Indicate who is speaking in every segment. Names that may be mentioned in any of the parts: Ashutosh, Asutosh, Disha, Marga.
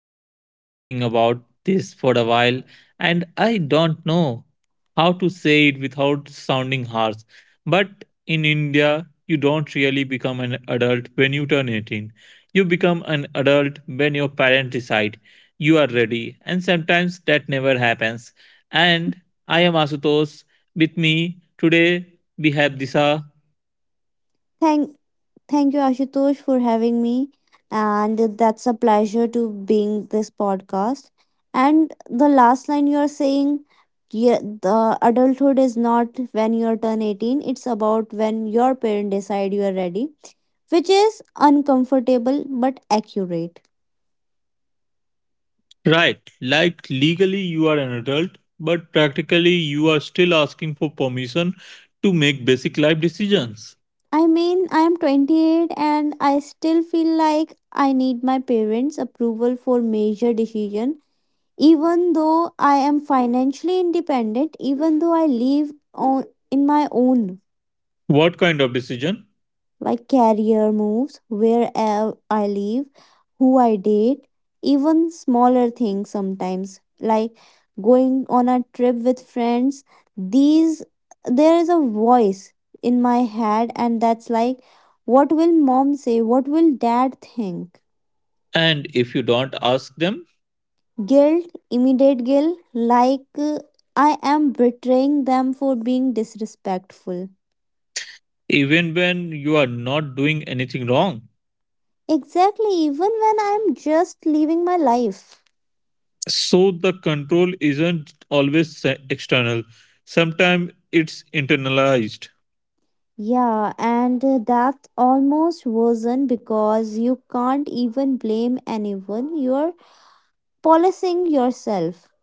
Speaker 1: I have been thinking about this for a while and I don't know how to say it without sounding harsh. But in India, you don't really become an adult when you turn 18. You become an adult when your parents decide you are ready, and sometimes that never happens. And I am Asutosh. With me today, we have Disha.
Speaker 2: Thank, thank you, Ashutosh, for having me. And that's a pleasure to being this podcast. And the last line you are saying, yeah, the adulthood is not when you are turn 18. It's about when your parent decide you are ready, which is uncomfortable but accurate.
Speaker 1: Right, like legally you are an adult, but practically you are still asking for permission to make basic life decisions.
Speaker 2: I mean, I am 28 and I still feel like I need my parents' approval for major decision. Even though I am financially independent, even though I live on in my own,
Speaker 1: What kind of decision?
Speaker 2: like career moves, where I live, who I date, even smaller things sometimes like going on a trip with friends. These, there is a voice in my head, and that's like, what will mom say? What will dad think?
Speaker 1: And if you don't ask them,
Speaker 2: Guilt, immediate guilt, like I am betraying them for being disrespectful.
Speaker 1: even when you are not doing anything wrong.
Speaker 2: Exactly, even when I'm just living my life.
Speaker 1: So the control isn't always external, sometimes it's internalized.
Speaker 2: Yeah, and that's almost worsen because you can't even blame anyone. You're policing yourself.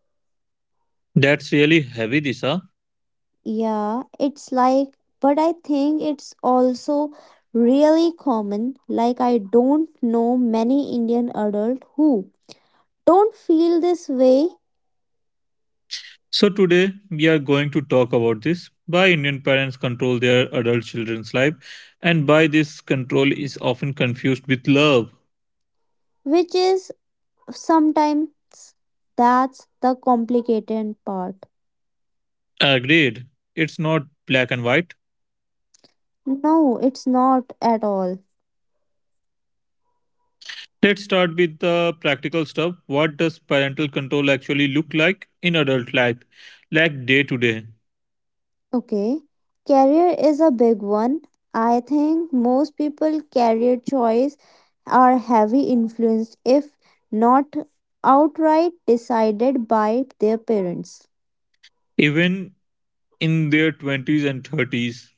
Speaker 1: That's really heavy, Disha.
Speaker 2: Yeah, it's like, but I think it's also really common. Like, I don't know many Indian adults who don't feel this way,
Speaker 1: So, today we are going to talk about this, why Indian parents control their adult children's life and why this control is often confused with love.
Speaker 2: which is sometimes that's the complicated part.
Speaker 1: Agreed, it's not black and white.
Speaker 2: No, it's not at all.
Speaker 1: Let's start with the practical stuff. What does parental control actually look like in adult life, like day to day?
Speaker 2: Okay. Career is a big one. I think most people career choice are heavy influenced if not outright decided by their parents.
Speaker 1: Even in their 20s and 30s?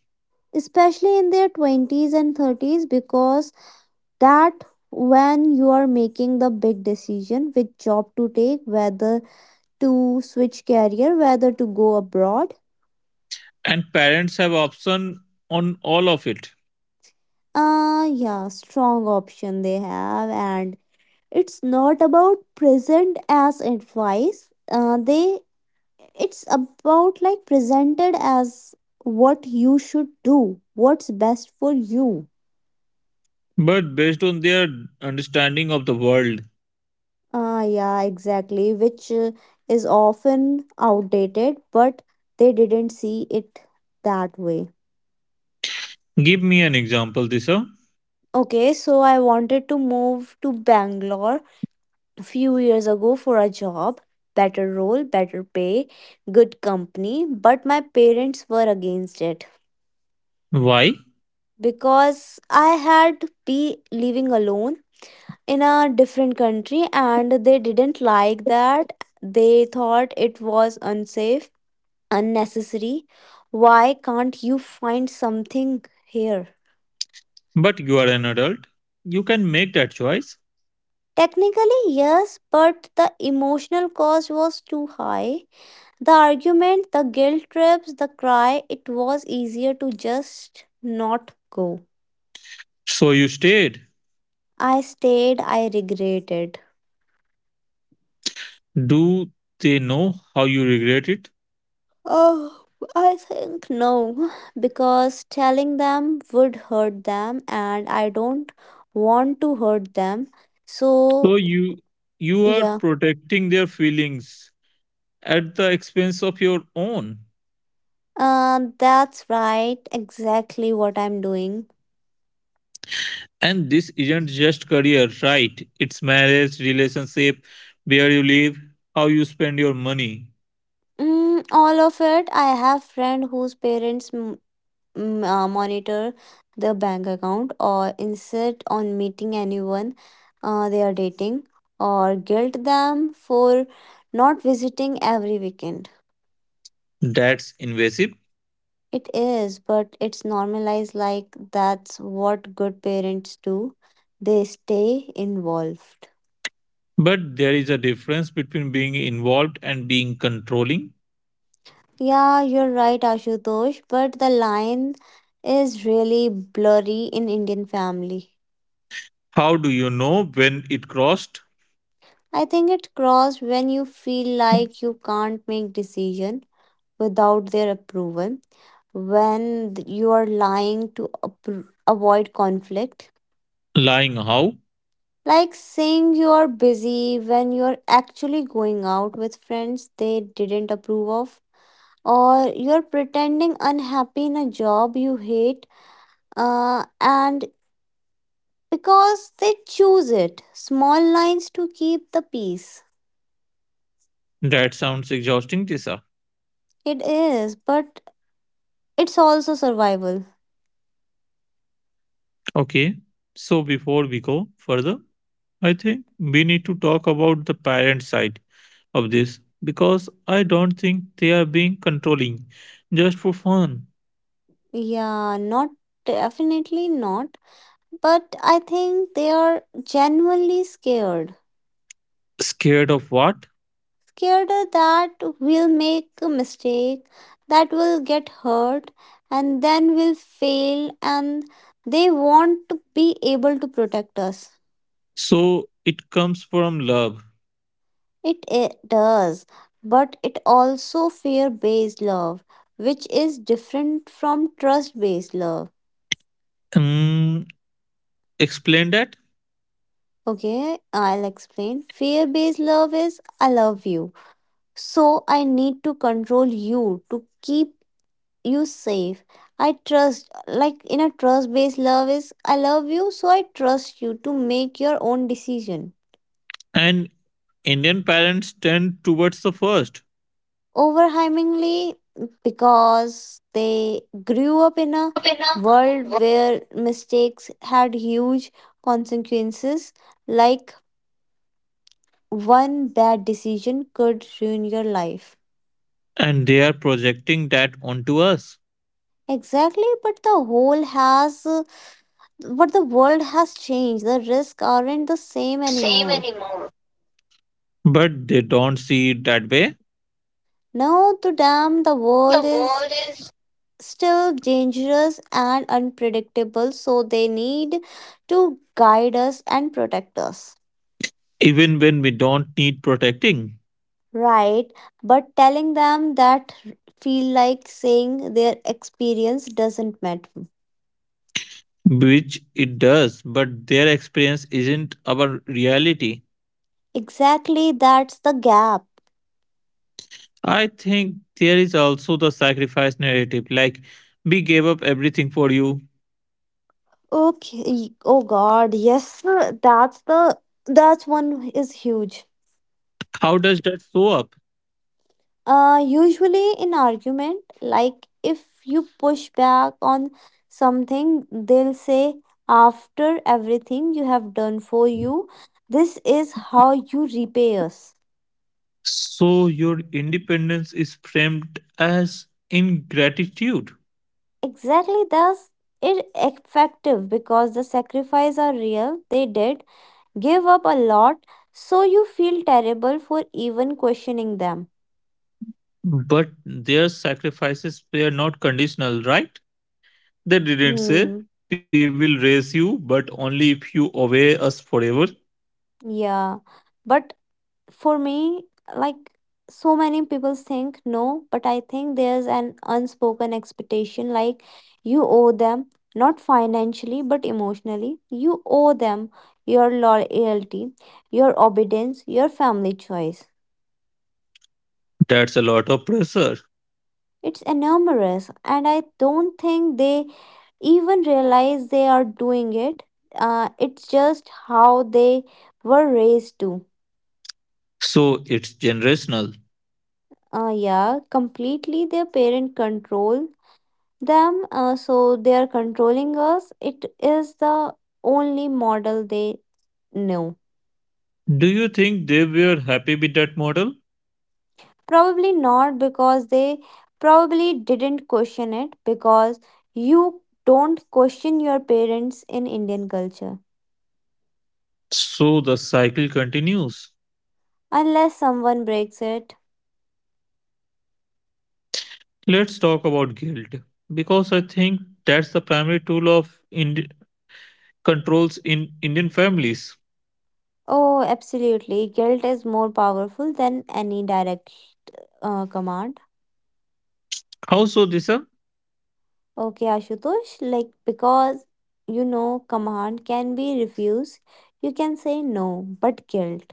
Speaker 2: Especially in their 20s and 30s, because that when you are making the big decision, which job to take, whether to switch career, whether to go abroad.
Speaker 1: And parents have option on all of it,
Speaker 2: Yeah, strong option they have, and it's not about present as advice, they it's about like presented as what you should do, what's best for you.
Speaker 1: but based on their understanding of the world.
Speaker 2: Yeah, exactly, which is often outdated, but they didn't see it that way.
Speaker 1: Give me an example, Disha.
Speaker 2: Okay, so I wanted to move to bangalore few years ago for a job, better role, better pay, good company, but my parents were against it
Speaker 1: Why?
Speaker 2: because I had be living alone in a different country and they didn't like that. They thought it was unsafe, unnecessary. Why can't you find something here?
Speaker 1: But you are an adult. You can make that choice.
Speaker 2: Technically, yes, but the emotional cost was too high. The argument, the guilt trips, the cry, it was easier to just not go.
Speaker 1: So you stayed.
Speaker 2: I stayed, I regretted.
Speaker 1: Do they know how you regret it?
Speaker 2: Oh, I think no, because telling them would hurt them, and I don't want to hurt them.
Speaker 1: So
Speaker 2: So,
Speaker 1: you are
Speaker 2: yeah,
Speaker 1: protecting their feelings at the expense of your own.
Speaker 2: that's right, exactly what I'm doing.
Speaker 1: And this isn't just career, right? It's marriage, relationship, where you live, how you spend your money.
Speaker 2: Mm, all of it. I have friend whose parents monitor the bank account or insist on meeting anyone they are dating or guilt them for not visiting every weekend.
Speaker 1: That's invasive.
Speaker 2: It is, but it's normalized like that's what good parents do. They stay involved.
Speaker 1: But there is a difference between being involved and being controlling.
Speaker 2: Yeah, you're right, Ashutosh, but the line is really blurry in Indian family.
Speaker 1: How do you know when it crossed?
Speaker 2: I think it crossed when you feel like you can't make decision without their approval, when you are lying to avoid conflict,
Speaker 1: Lying how?
Speaker 2: like saying you are busy when you are actually going out with friends they didn't approve of, or you are pretending unhappy in a job you hate, and because they choose it. Small lines to keep the peace.
Speaker 1: That sounds exhausting, Tisa.
Speaker 2: It is, but it's also survival.
Speaker 1: Okay, so before we go further, I think we need to talk about the parent side of this because I don't think they are being controlling just for fun.
Speaker 2: Yeah, not definitely not. But I think they are genuinely scared.
Speaker 1: Scared of what?
Speaker 2: Scared that we'll make a mistake, that we'll get hurt, and then we'll fail, and they want to be able to protect us.
Speaker 1: So it comes from love.
Speaker 2: It does, but it also fear based love, which is different from trust based love.
Speaker 1: Mm, Explain that.
Speaker 2: Okay, I'll explain. Fear based love is I love you, so I need to control you to keep you safe. I trust, like in a trust based love is I love you, so I trust you to make your own decision.
Speaker 1: And Indian parents tend towards the first.
Speaker 2: Overwhelmingly, because they grew up in a
Speaker 1: Okay,
Speaker 2: world where mistakes had huge consequences, like one bad decision could ruin your life.
Speaker 1: and they are projecting that onto us.
Speaker 2: Exactly, but the whole has but the world has changed, the risks aren't the same
Speaker 1: Same
Speaker 2: anymore.
Speaker 1: anymore. But they don't see it that way.
Speaker 2: Now, to them, the
Speaker 1: The
Speaker 2: world is
Speaker 1: world is.
Speaker 2: still dangerous and unpredictable, so they need to guide us and protect us.
Speaker 1: Even when we don't need protecting,
Speaker 2: Right, but telling them that feel like saying their experience doesn't matter.
Speaker 1: which it does, but their experience isn't our reality.
Speaker 2: Exactly, that's the gap.
Speaker 1: I think there is also the sacrifice narrative, like, we gave up everything for you.
Speaker 2: Okay, oh God, yes, that's the that's one is huge.
Speaker 1: How does that show up?
Speaker 2: Usually in argument, like if you push back on something, they'll say, after everything you have done for you, this is how you repay us.
Speaker 1: So, your independence is framed as ingratitude,
Speaker 2: Exactly, thus it effective because the sacrifice are real. They did give up a lot, so you feel terrible for even questioning them.
Speaker 1: but their sacrifices were not conditional, right? They didn't say,
Speaker 2: Hmm.
Speaker 1: we will raise you, but only if you obey us forever.
Speaker 2: Yeah, but for me, like so many people think no, but I think there's an unspoken expectation like you owe them, not financially but emotionally. You owe them your loyalty, your obedience, your family choice.
Speaker 1: That's a lot of pressure.
Speaker 2: It's enormous, and I don't think they even realize they are doing it. It's just how they were raised to.
Speaker 1: So it's generational.
Speaker 2: Yeah, completely, their parent control them, so they are controlling us, it is the only model they knew.
Speaker 1: Do you think they were happy with that model?
Speaker 2: Probably not, because they probably didn't question it, because you don't question your parents in indian culture,
Speaker 1: So the cycle continues.
Speaker 2: unless someone breaks it.
Speaker 1: Let's talk about guilt because I think that's the primary tool of controls in Indian families.
Speaker 2: Oh absolutely, guilt is more powerful than any direct command.
Speaker 1: How so, Disha?
Speaker 2: Okay, Ashutosh, like because you know command can be refused, you can say no, but guilt.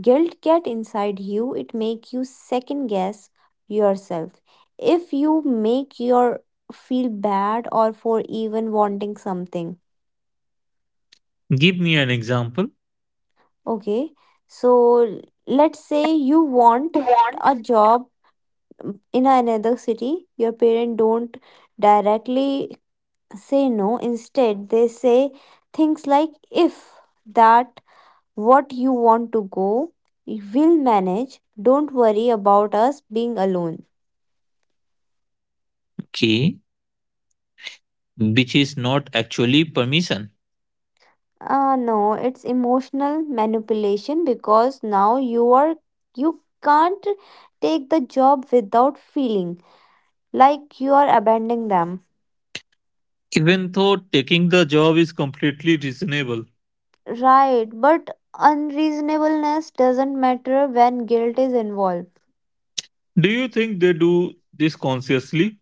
Speaker 2: Guilt get inside you, it make you second guess yourself. If you make your feel bad or for even wanting something.
Speaker 1: Give me an example.
Speaker 2: Okay. So let's say you want
Speaker 1: Want?
Speaker 2: a job in another city, your parents don't directly say no. Instead, they say things like, if that what you want to go, we'll manage. Don't worry about us being alone.
Speaker 1: Okay, which is not actually permission,
Speaker 2: No, it's emotional manipulation because now you can't take the job without feeling like you are abandoning them.
Speaker 1: even though taking the job is completely reasonable.
Speaker 2: Right, but unreasonableness doesn't matter when guilt is involved.
Speaker 1: Do you think they do this consciously?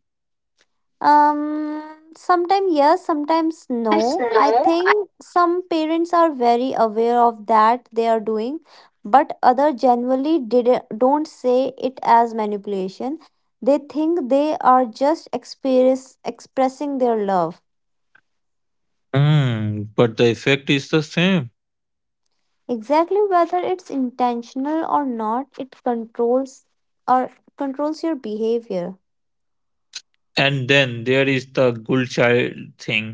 Speaker 2: Um, sometimes yes, sometimes
Speaker 1: Yes,
Speaker 2: no. I
Speaker 1: no.
Speaker 2: think some parents are very aware of that they are doing, but other generally did don't say it as manipulation. They think they are just expressing their love.
Speaker 1: But the effect is the same.
Speaker 2: Exactly, whether it's intentional or not, it or controls your behavior.
Speaker 1: And then there is the good child thing.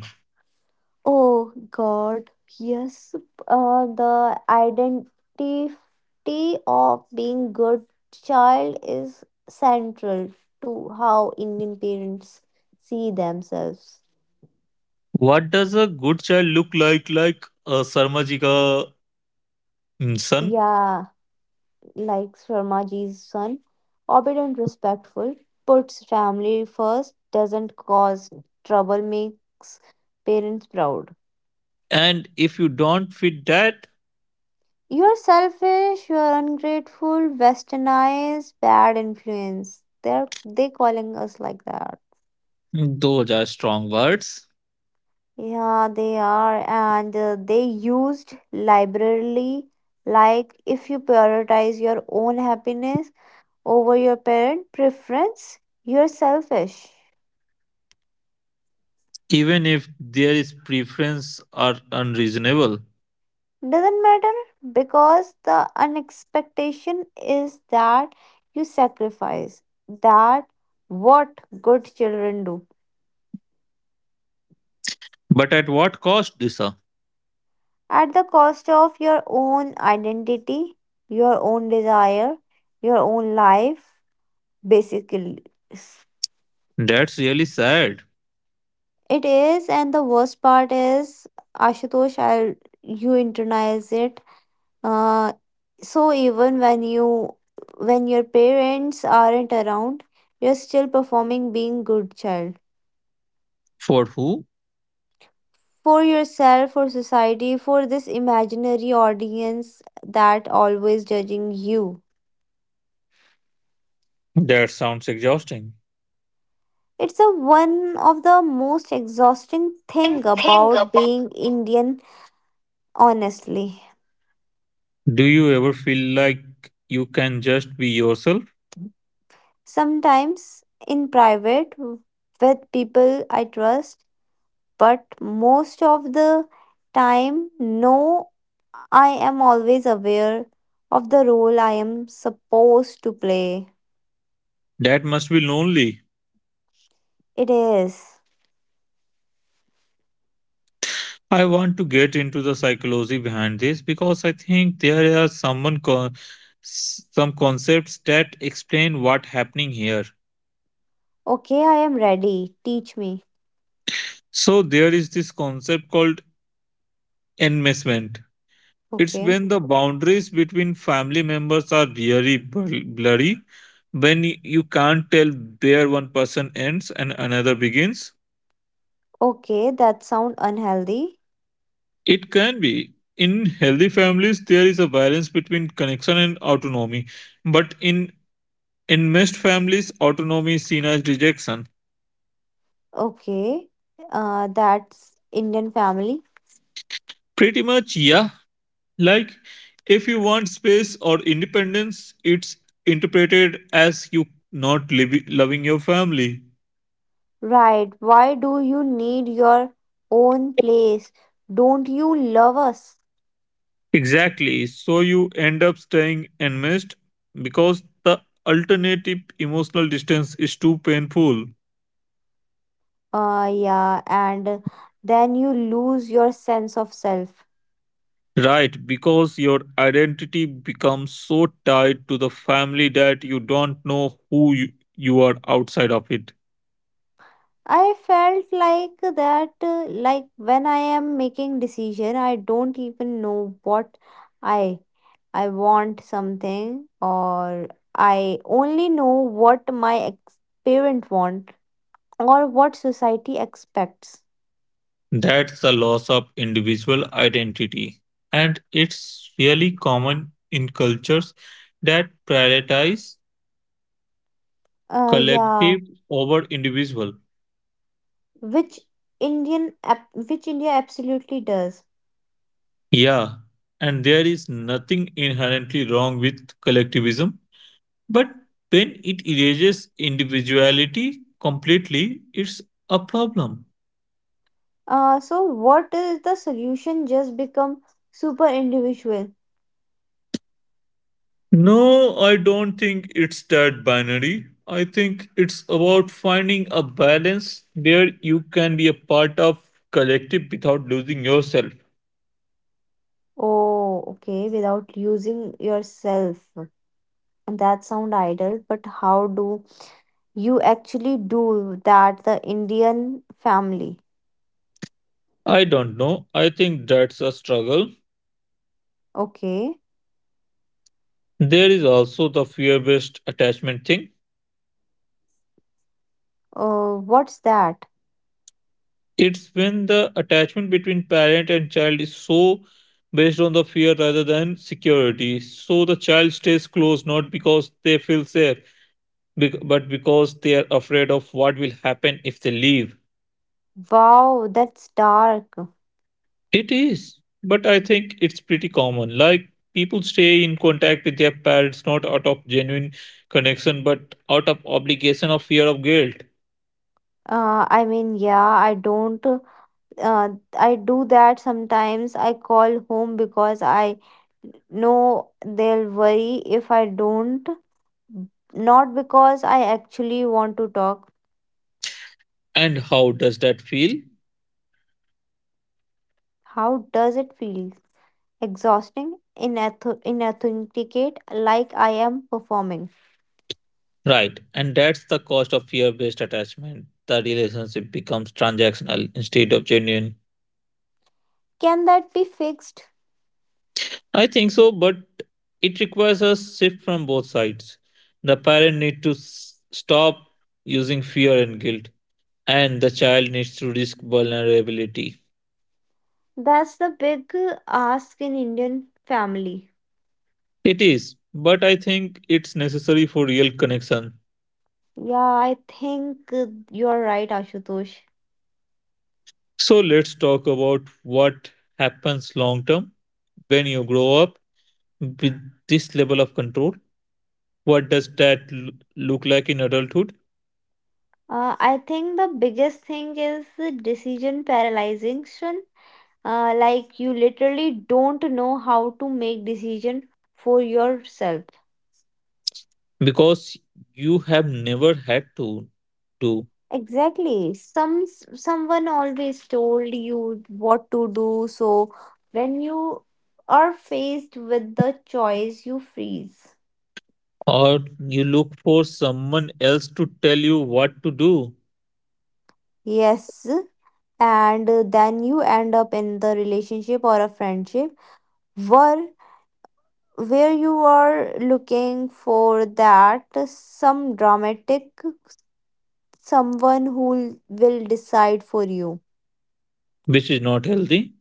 Speaker 2: Oh God, yes, the identity of being good child is central to how Indian parents see themselves.
Speaker 1: What does a good child look like? Like a Sarmajika, son?
Speaker 2: Yeah, like Sharmaji's son, obedient, respectful, puts family first, doesn't cause trouble, makes parents proud.
Speaker 1: And if you don't fit that,
Speaker 2: You're selfish, you're ungrateful, westernized, bad influence. They calling us like that.
Speaker 1: those are strong words.
Speaker 2: Yeah, they are, and they used liberally. Like, if you prioritize your own happiness over your parent preference, you're selfish.
Speaker 1: Even if there is preference are unreasonable.
Speaker 2: Doesn't matter because the unexpectation is that you sacrifice. That what good children do.
Speaker 1: But at what cost, Disha?
Speaker 2: At the cost of your own identity, your own desire, your own life, basically.
Speaker 1: That's really sad.
Speaker 2: It is, and the worst part is, Ashutosh, you internalize it. Uh, so even when you, when your parents aren't around, you're still performing being good child
Speaker 1: For who?
Speaker 2: for yourself, for society, for this imaginary audience that always judging you.
Speaker 1: That sounds exhausting.
Speaker 2: It's a one of the most exhausting
Speaker 1: And
Speaker 2: thing
Speaker 1: think
Speaker 2: about
Speaker 1: about,
Speaker 2: being Indian honestly.
Speaker 1: do you ever feel like you can just be yourself?
Speaker 2: Sometimes in private with people I trust, but most of the time no, I am always aware of the role I am supposed to play.
Speaker 1: That must be lonely.
Speaker 2: It is.
Speaker 1: I want to get into the psychology behind this because I think there are some concepts that explain what happening here.
Speaker 2: Okay, I am ready. Teach me.
Speaker 1: So there is this concept called enmeshment. It's
Speaker 2: Okay.
Speaker 1: when the boundaries between family members are really blurry, when you can't tell where one person ends and another begins.
Speaker 2: Okay, that sound unhealthy.
Speaker 1: It can be. In healthy families, there is a balance between connection and autonomy, but in most families, autonomy is seen as rejection.
Speaker 2: Okay. That's Indian family.
Speaker 1: Pretty much, yeah. Like, if you want space or independence, it's interpreted as you not loving your family.
Speaker 2: Right. Why do you need your own place? Don't you love us?
Speaker 1: Exactly. So you end up staying enmeshed because the alternative, emotional distance, is too painful.
Speaker 2: Yeah, and then you lose your sense of self.
Speaker 1: Right, because your identity becomes so tied to the family that you don't know who you are outside of it.
Speaker 2: I felt like that, like when I am making decision, I don't even know what I I want something, or I only know what my parent want or what society expects.
Speaker 1: That's the loss of individual identity. And it's really common in cultures that prioritize
Speaker 2: Yeah.
Speaker 1: collective over individual.
Speaker 2: which which India absolutely does.
Speaker 1: Yeah, and there is nothing inherently wrong with collectivism, but when it erases individuality completely, it's a problem.
Speaker 2: So what is the solution? Just become super individual.
Speaker 1: No, I don't think it's that binary. I think it's about finding a balance where you can be a part of collective without losing yourself.
Speaker 2: Oh, okay, without using yourself. And that sound idle, but how do you actually do that? The Indian family.
Speaker 1: I don't know. I think that's a struggle.
Speaker 2: Okay.
Speaker 1: There is also the fear-based attachment thing.
Speaker 2: What's that?
Speaker 1: It's when the attachment between parent and child is so based on the fear rather than security. So the child stays close not because they feel safe, but because they are afraid of what will happen if they leave.
Speaker 2: Wow, that's dark.
Speaker 1: It is, but I think it's pretty common. Like, people stay in contact with their parents not out of genuine connection but out of obligation or fear of guilt.
Speaker 2: I mean, yeah, I don't uh, I do that sometimes. I call home because I know they'll worry if I don't, not because I actually want to talk.
Speaker 1: And how does that feel?
Speaker 2: How does it feel? Exhausting, inauthentic, inauthenticate, like I am performing.
Speaker 1: Right. And that's the cost of fear based attachment. The relationship becomes transactional instead of genuine.
Speaker 2: Can that be fixed?
Speaker 1: I think so, but it requires a shift from both sides. The parent need to stop using fear and guilt, and the child needs to risk vulnerability.
Speaker 2: That's the big ask in Indian family.
Speaker 1: It is, but I think it's necessary for real connection.
Speaker 2: Yeah, I think you're right, Ashutosh.
Speaker 1: So let's talk about what happens long term when you grow up with this level of control. What does that look like in adulthood?
Speaker 2: I think the biggest thing is the decision paralyzation. Like you literally don't know how to make decision for yourself.
Speaker 1: Because you have never had to do,
Speaker 2: Exactly. Someone always told you what to do, so when you are faced with the choice, you freeze.
Speaker 1: or you look for someone else to tell you what to do,
Speaker 2: Yes, and then you end up in the relationship or a friendship where where you are looking for that some dramatic someone who will decide for you.
Speaker 1: which is not healthy.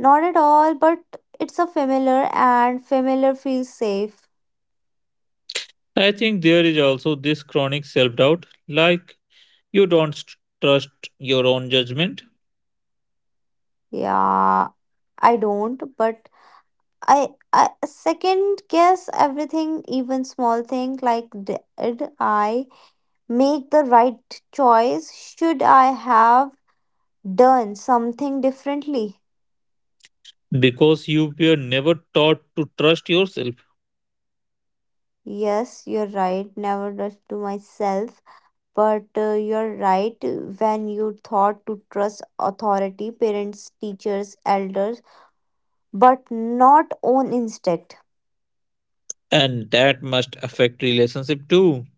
Speaker 2: Not at all, but it's a familiar and familiar feels safe.
Speaker 1: I think there is also this chronic self doubt, like you don't trust your own judgment
Speaker 2: Yeah, I don't, but I second guess everything, even small thing like did I make the right choice? Should I have done something differently?
Speaker 1: because you were never taught to trust yourself,
Speaker 2: Yes, you're right. Never trust to myself. But you're right. When you thought to trust authority, parents, teachers, elders, but not own instinct.
Speaker 1: and that must affect relationship too,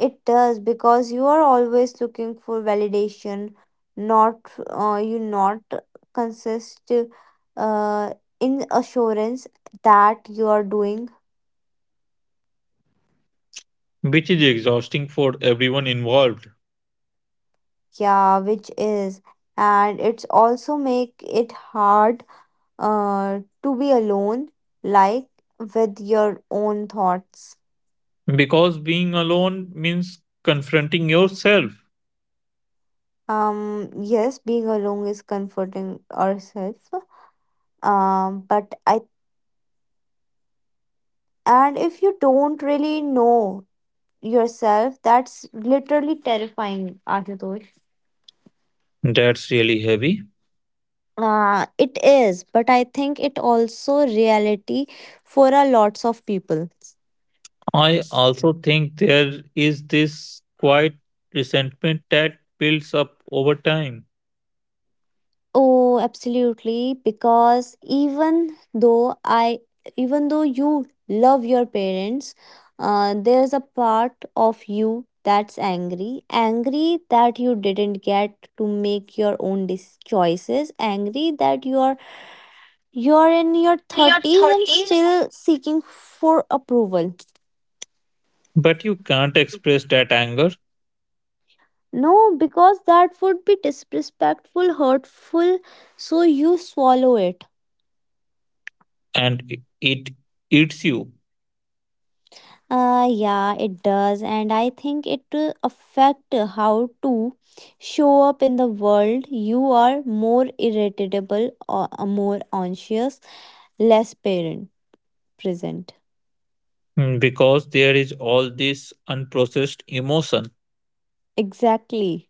Speaker 2: It does because you are always looking for validation. Not you not consist uh, in assurance that you are doing
Speaker 1: which is exhausting for everyone involved,
Speaker 2: yeah, which is, and it's also make it hard to be alone, like with your own thoughts.
Speaker 1: because being alone means confronting yourself.
Speaker 2: Yes, being alone is comforting ourselves. But I and if you don't really know yourself, that's literally terrifying, Ashutosh.
Speaker 1: That's really heavy.
Speaker 2: It is, but I think it also reality for a lots of people.
Speaker 1: I also think there is this quiet resentment that builds up over time.
Speaker 2: Oh, absolutely. Because even though I, even though you love your parents, there's a part of you that's angry, angry that you didn't get to make your own choices, angry that you're in your
Speaker 1: In your
Speaker 2: thirties and
Speaker 1: 30s,
Speaker 2: still seeking for approval.
Speaker 1: but you can't express that anger,
Speaker 2: No, because that would be disrespectful, hurtful, so you swallow it.
Speaker 1: and it eats you.
Speaker 2: Yeah, it does, and I think it affect how to show up in the world. You are more irritable or more anxious, less parent present.
Speaker 1: Because there is all this unprocessed emotion.
Speaker 2: Exactly.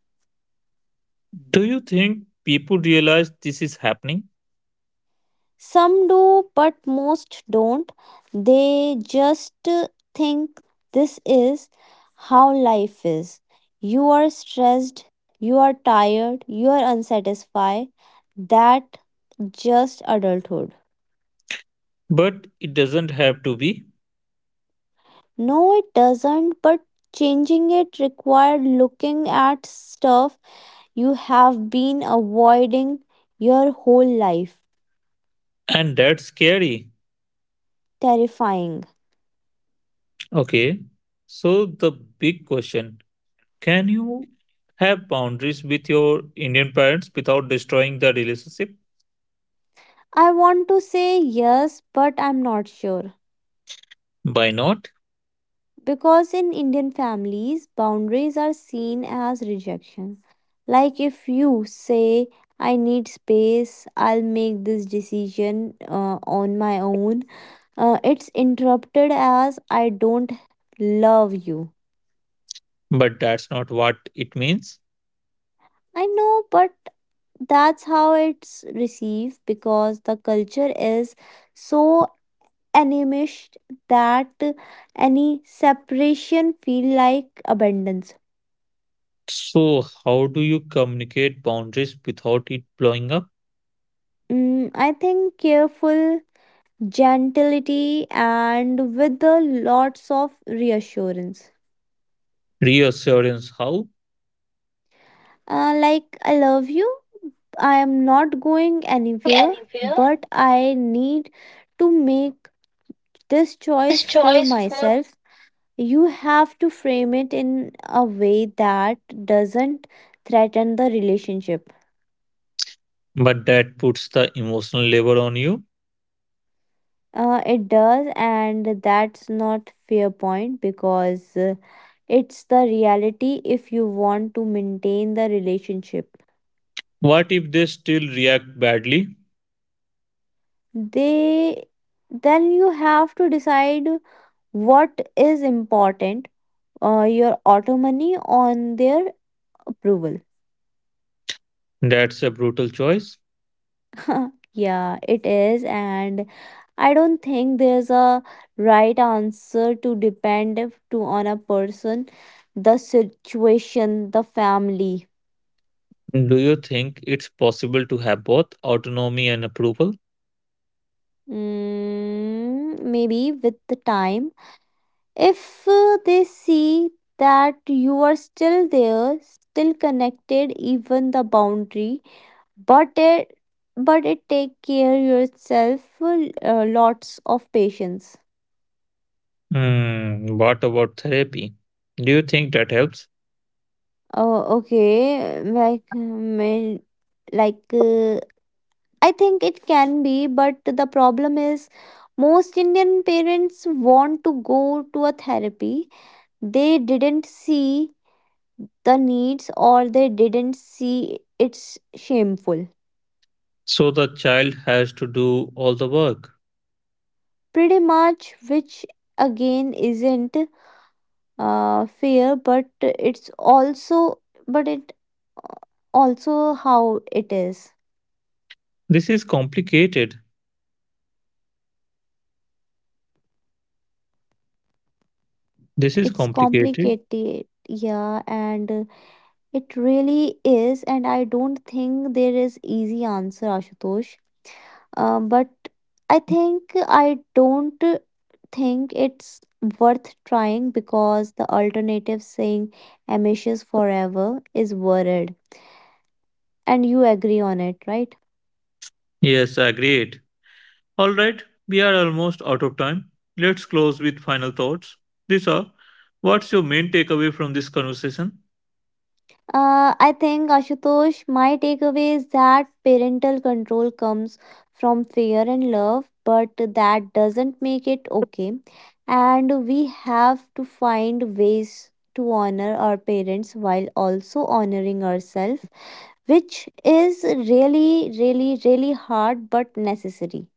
Speaker 1: Do you think people realize this is happening?
Speaker 2: Some do, but most don't. They just think this is how life is. You are stressed. You are tired. You are unsatisfied. That just adulthood.
Speaker 1: But it doesn't have to be.
Speaker 2: No, it doesn't, but changing it required looking at stuff you have been avoiding your whole life.
Speaker 1: And that's scary.
Speaker 2: Terrifying.
Speaker 1: Okay. So, the big question, can you have boundaries with your Indian parents without destroying the relationship?
Speaker 2: I want to say yes, but I'm not sure.
Speaker 1: By not.
Speaker 2: Because in Indian families, boundaries are seen as rejection. Like if you say, I need space, I'll make this decision on my own, it's interrupted as I don't love you.
Speaker 1: But that's not what it means.
Speaker 2: I know, but that's how it's received because the culture is so animist that any separation feel like abundance.
Speaker 1: So, how do you communicate boundaries without it blowing up?
Speaker 2: I think careful gentility and with the lots of reassurance.
Speaker 1: Reassurance, how?
Speaker 2: Like I love you. I am not going anywhere,
Speaker 1: Anywhere.
Speaker 2: but I need to make this
Speaker 1: This
Speaker 2: choice for
Speaker 1: choice for.
Speaker 2: myself. You have to frame it in a way that doesn't threaten the relationship.
Speaker 1: But that puts the emotional labor on you.
Speaker 2: It does and that's not fair point because it's the reality if you want to maintain the relationship.
Speaker 1: What if they still react badly?
Speaker 2: They then you have to decide what is important, your autonomy on their approval.
Speaker 1: That's a brutal choice.
Speaker 2: Yeah, it is. And I don't think there's a right answer to depend to on a person, the situation, the family.
Speaker 1: Do you think it's possible to have both autonomy and approval?
Speaker 2: Maybe with the time, if they see that you are still there, still connected, even the boundary, but it but it take care yourself lots of patience.
Speaker 1: What about therapy? Do you think that helps?
Speaker 2: Oh, okay. Like I think it can be, but the problem is most Indian parents want to go to a therapy. They didn't see the needs or they didn't see it's shameful.
Speaker 1: So the child has to do all the work.
Speaker 2: Pretty much, which again isn't fair, but it's also, but it also how it is.
Speaker 1: This is complicated. This is
Speaker 2: It's
Speaker 1: complicated.
Speaker 2: complicated, yeah, and it really is, and I don't think there is easy answer, Ashutosh. But I don't think it's worth trying because the alternative saying ambitious forever is worried, and you agree on it, right?
Speaker 1: Yes, agreed. All right, we are almost out of time. Let's close with final thoughts. Lisa, what's your main takeaway from this conversation?
Speaker 2: I think, Ashutosh, my takeaway is that parental control comes from fear and love, but that doesn't make it okay. And we have to find ways to honor our parents while also honoring ourselves, which is really, really, really hard but necessary.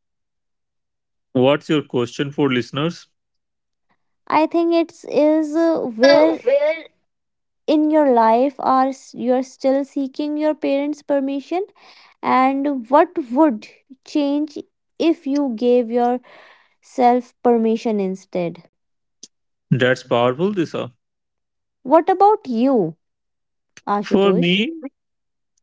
Speaker 1: What's your question for listeners?
Speaker 2: I think it's is where
Speaker 1: Where?
Speaker 2: in your life you're still seeking your parents' permission. And what would change if you gave yourself permission instead?
Speaker 1: That's powerful, Lisa.
Speaker 2: What about you,
Speaker 1: For
Speaker 2: Ashutosh?
Speaker 1: me,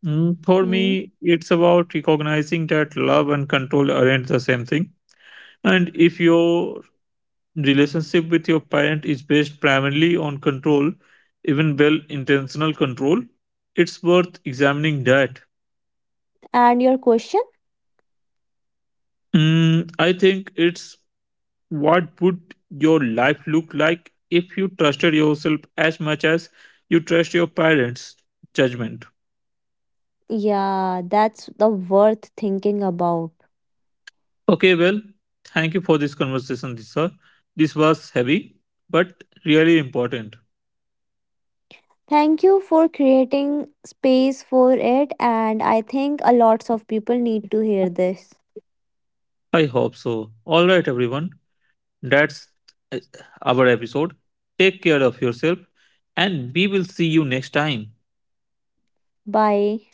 Speaker 1: mm, for
Speaker 2: Me.
Speaker 1: me, it's about recognizing that love and control aren't the same thing. And if your relationship with your parent is based primarily on control, even well intentional control, it's worth examining that.
Speaker 2: And your question?
Speaker 1: I think it's, what would your life look like if you trusted yourself as much as you trust your parents' judgment?
Speaker 2: Yeah, that's the worth thinking about.
Speaker 1: Okay, well, thank you for this conversation, Disha. This was heavy, but really important.
Speaker 2: Thank you for creating space for it and I think a lots of people need to hear this.
Speaker 1: I hope so. All right, everyone. That's uh, our episode. Take care of yourself, and we will see you next time.
Speaker 2: Bye.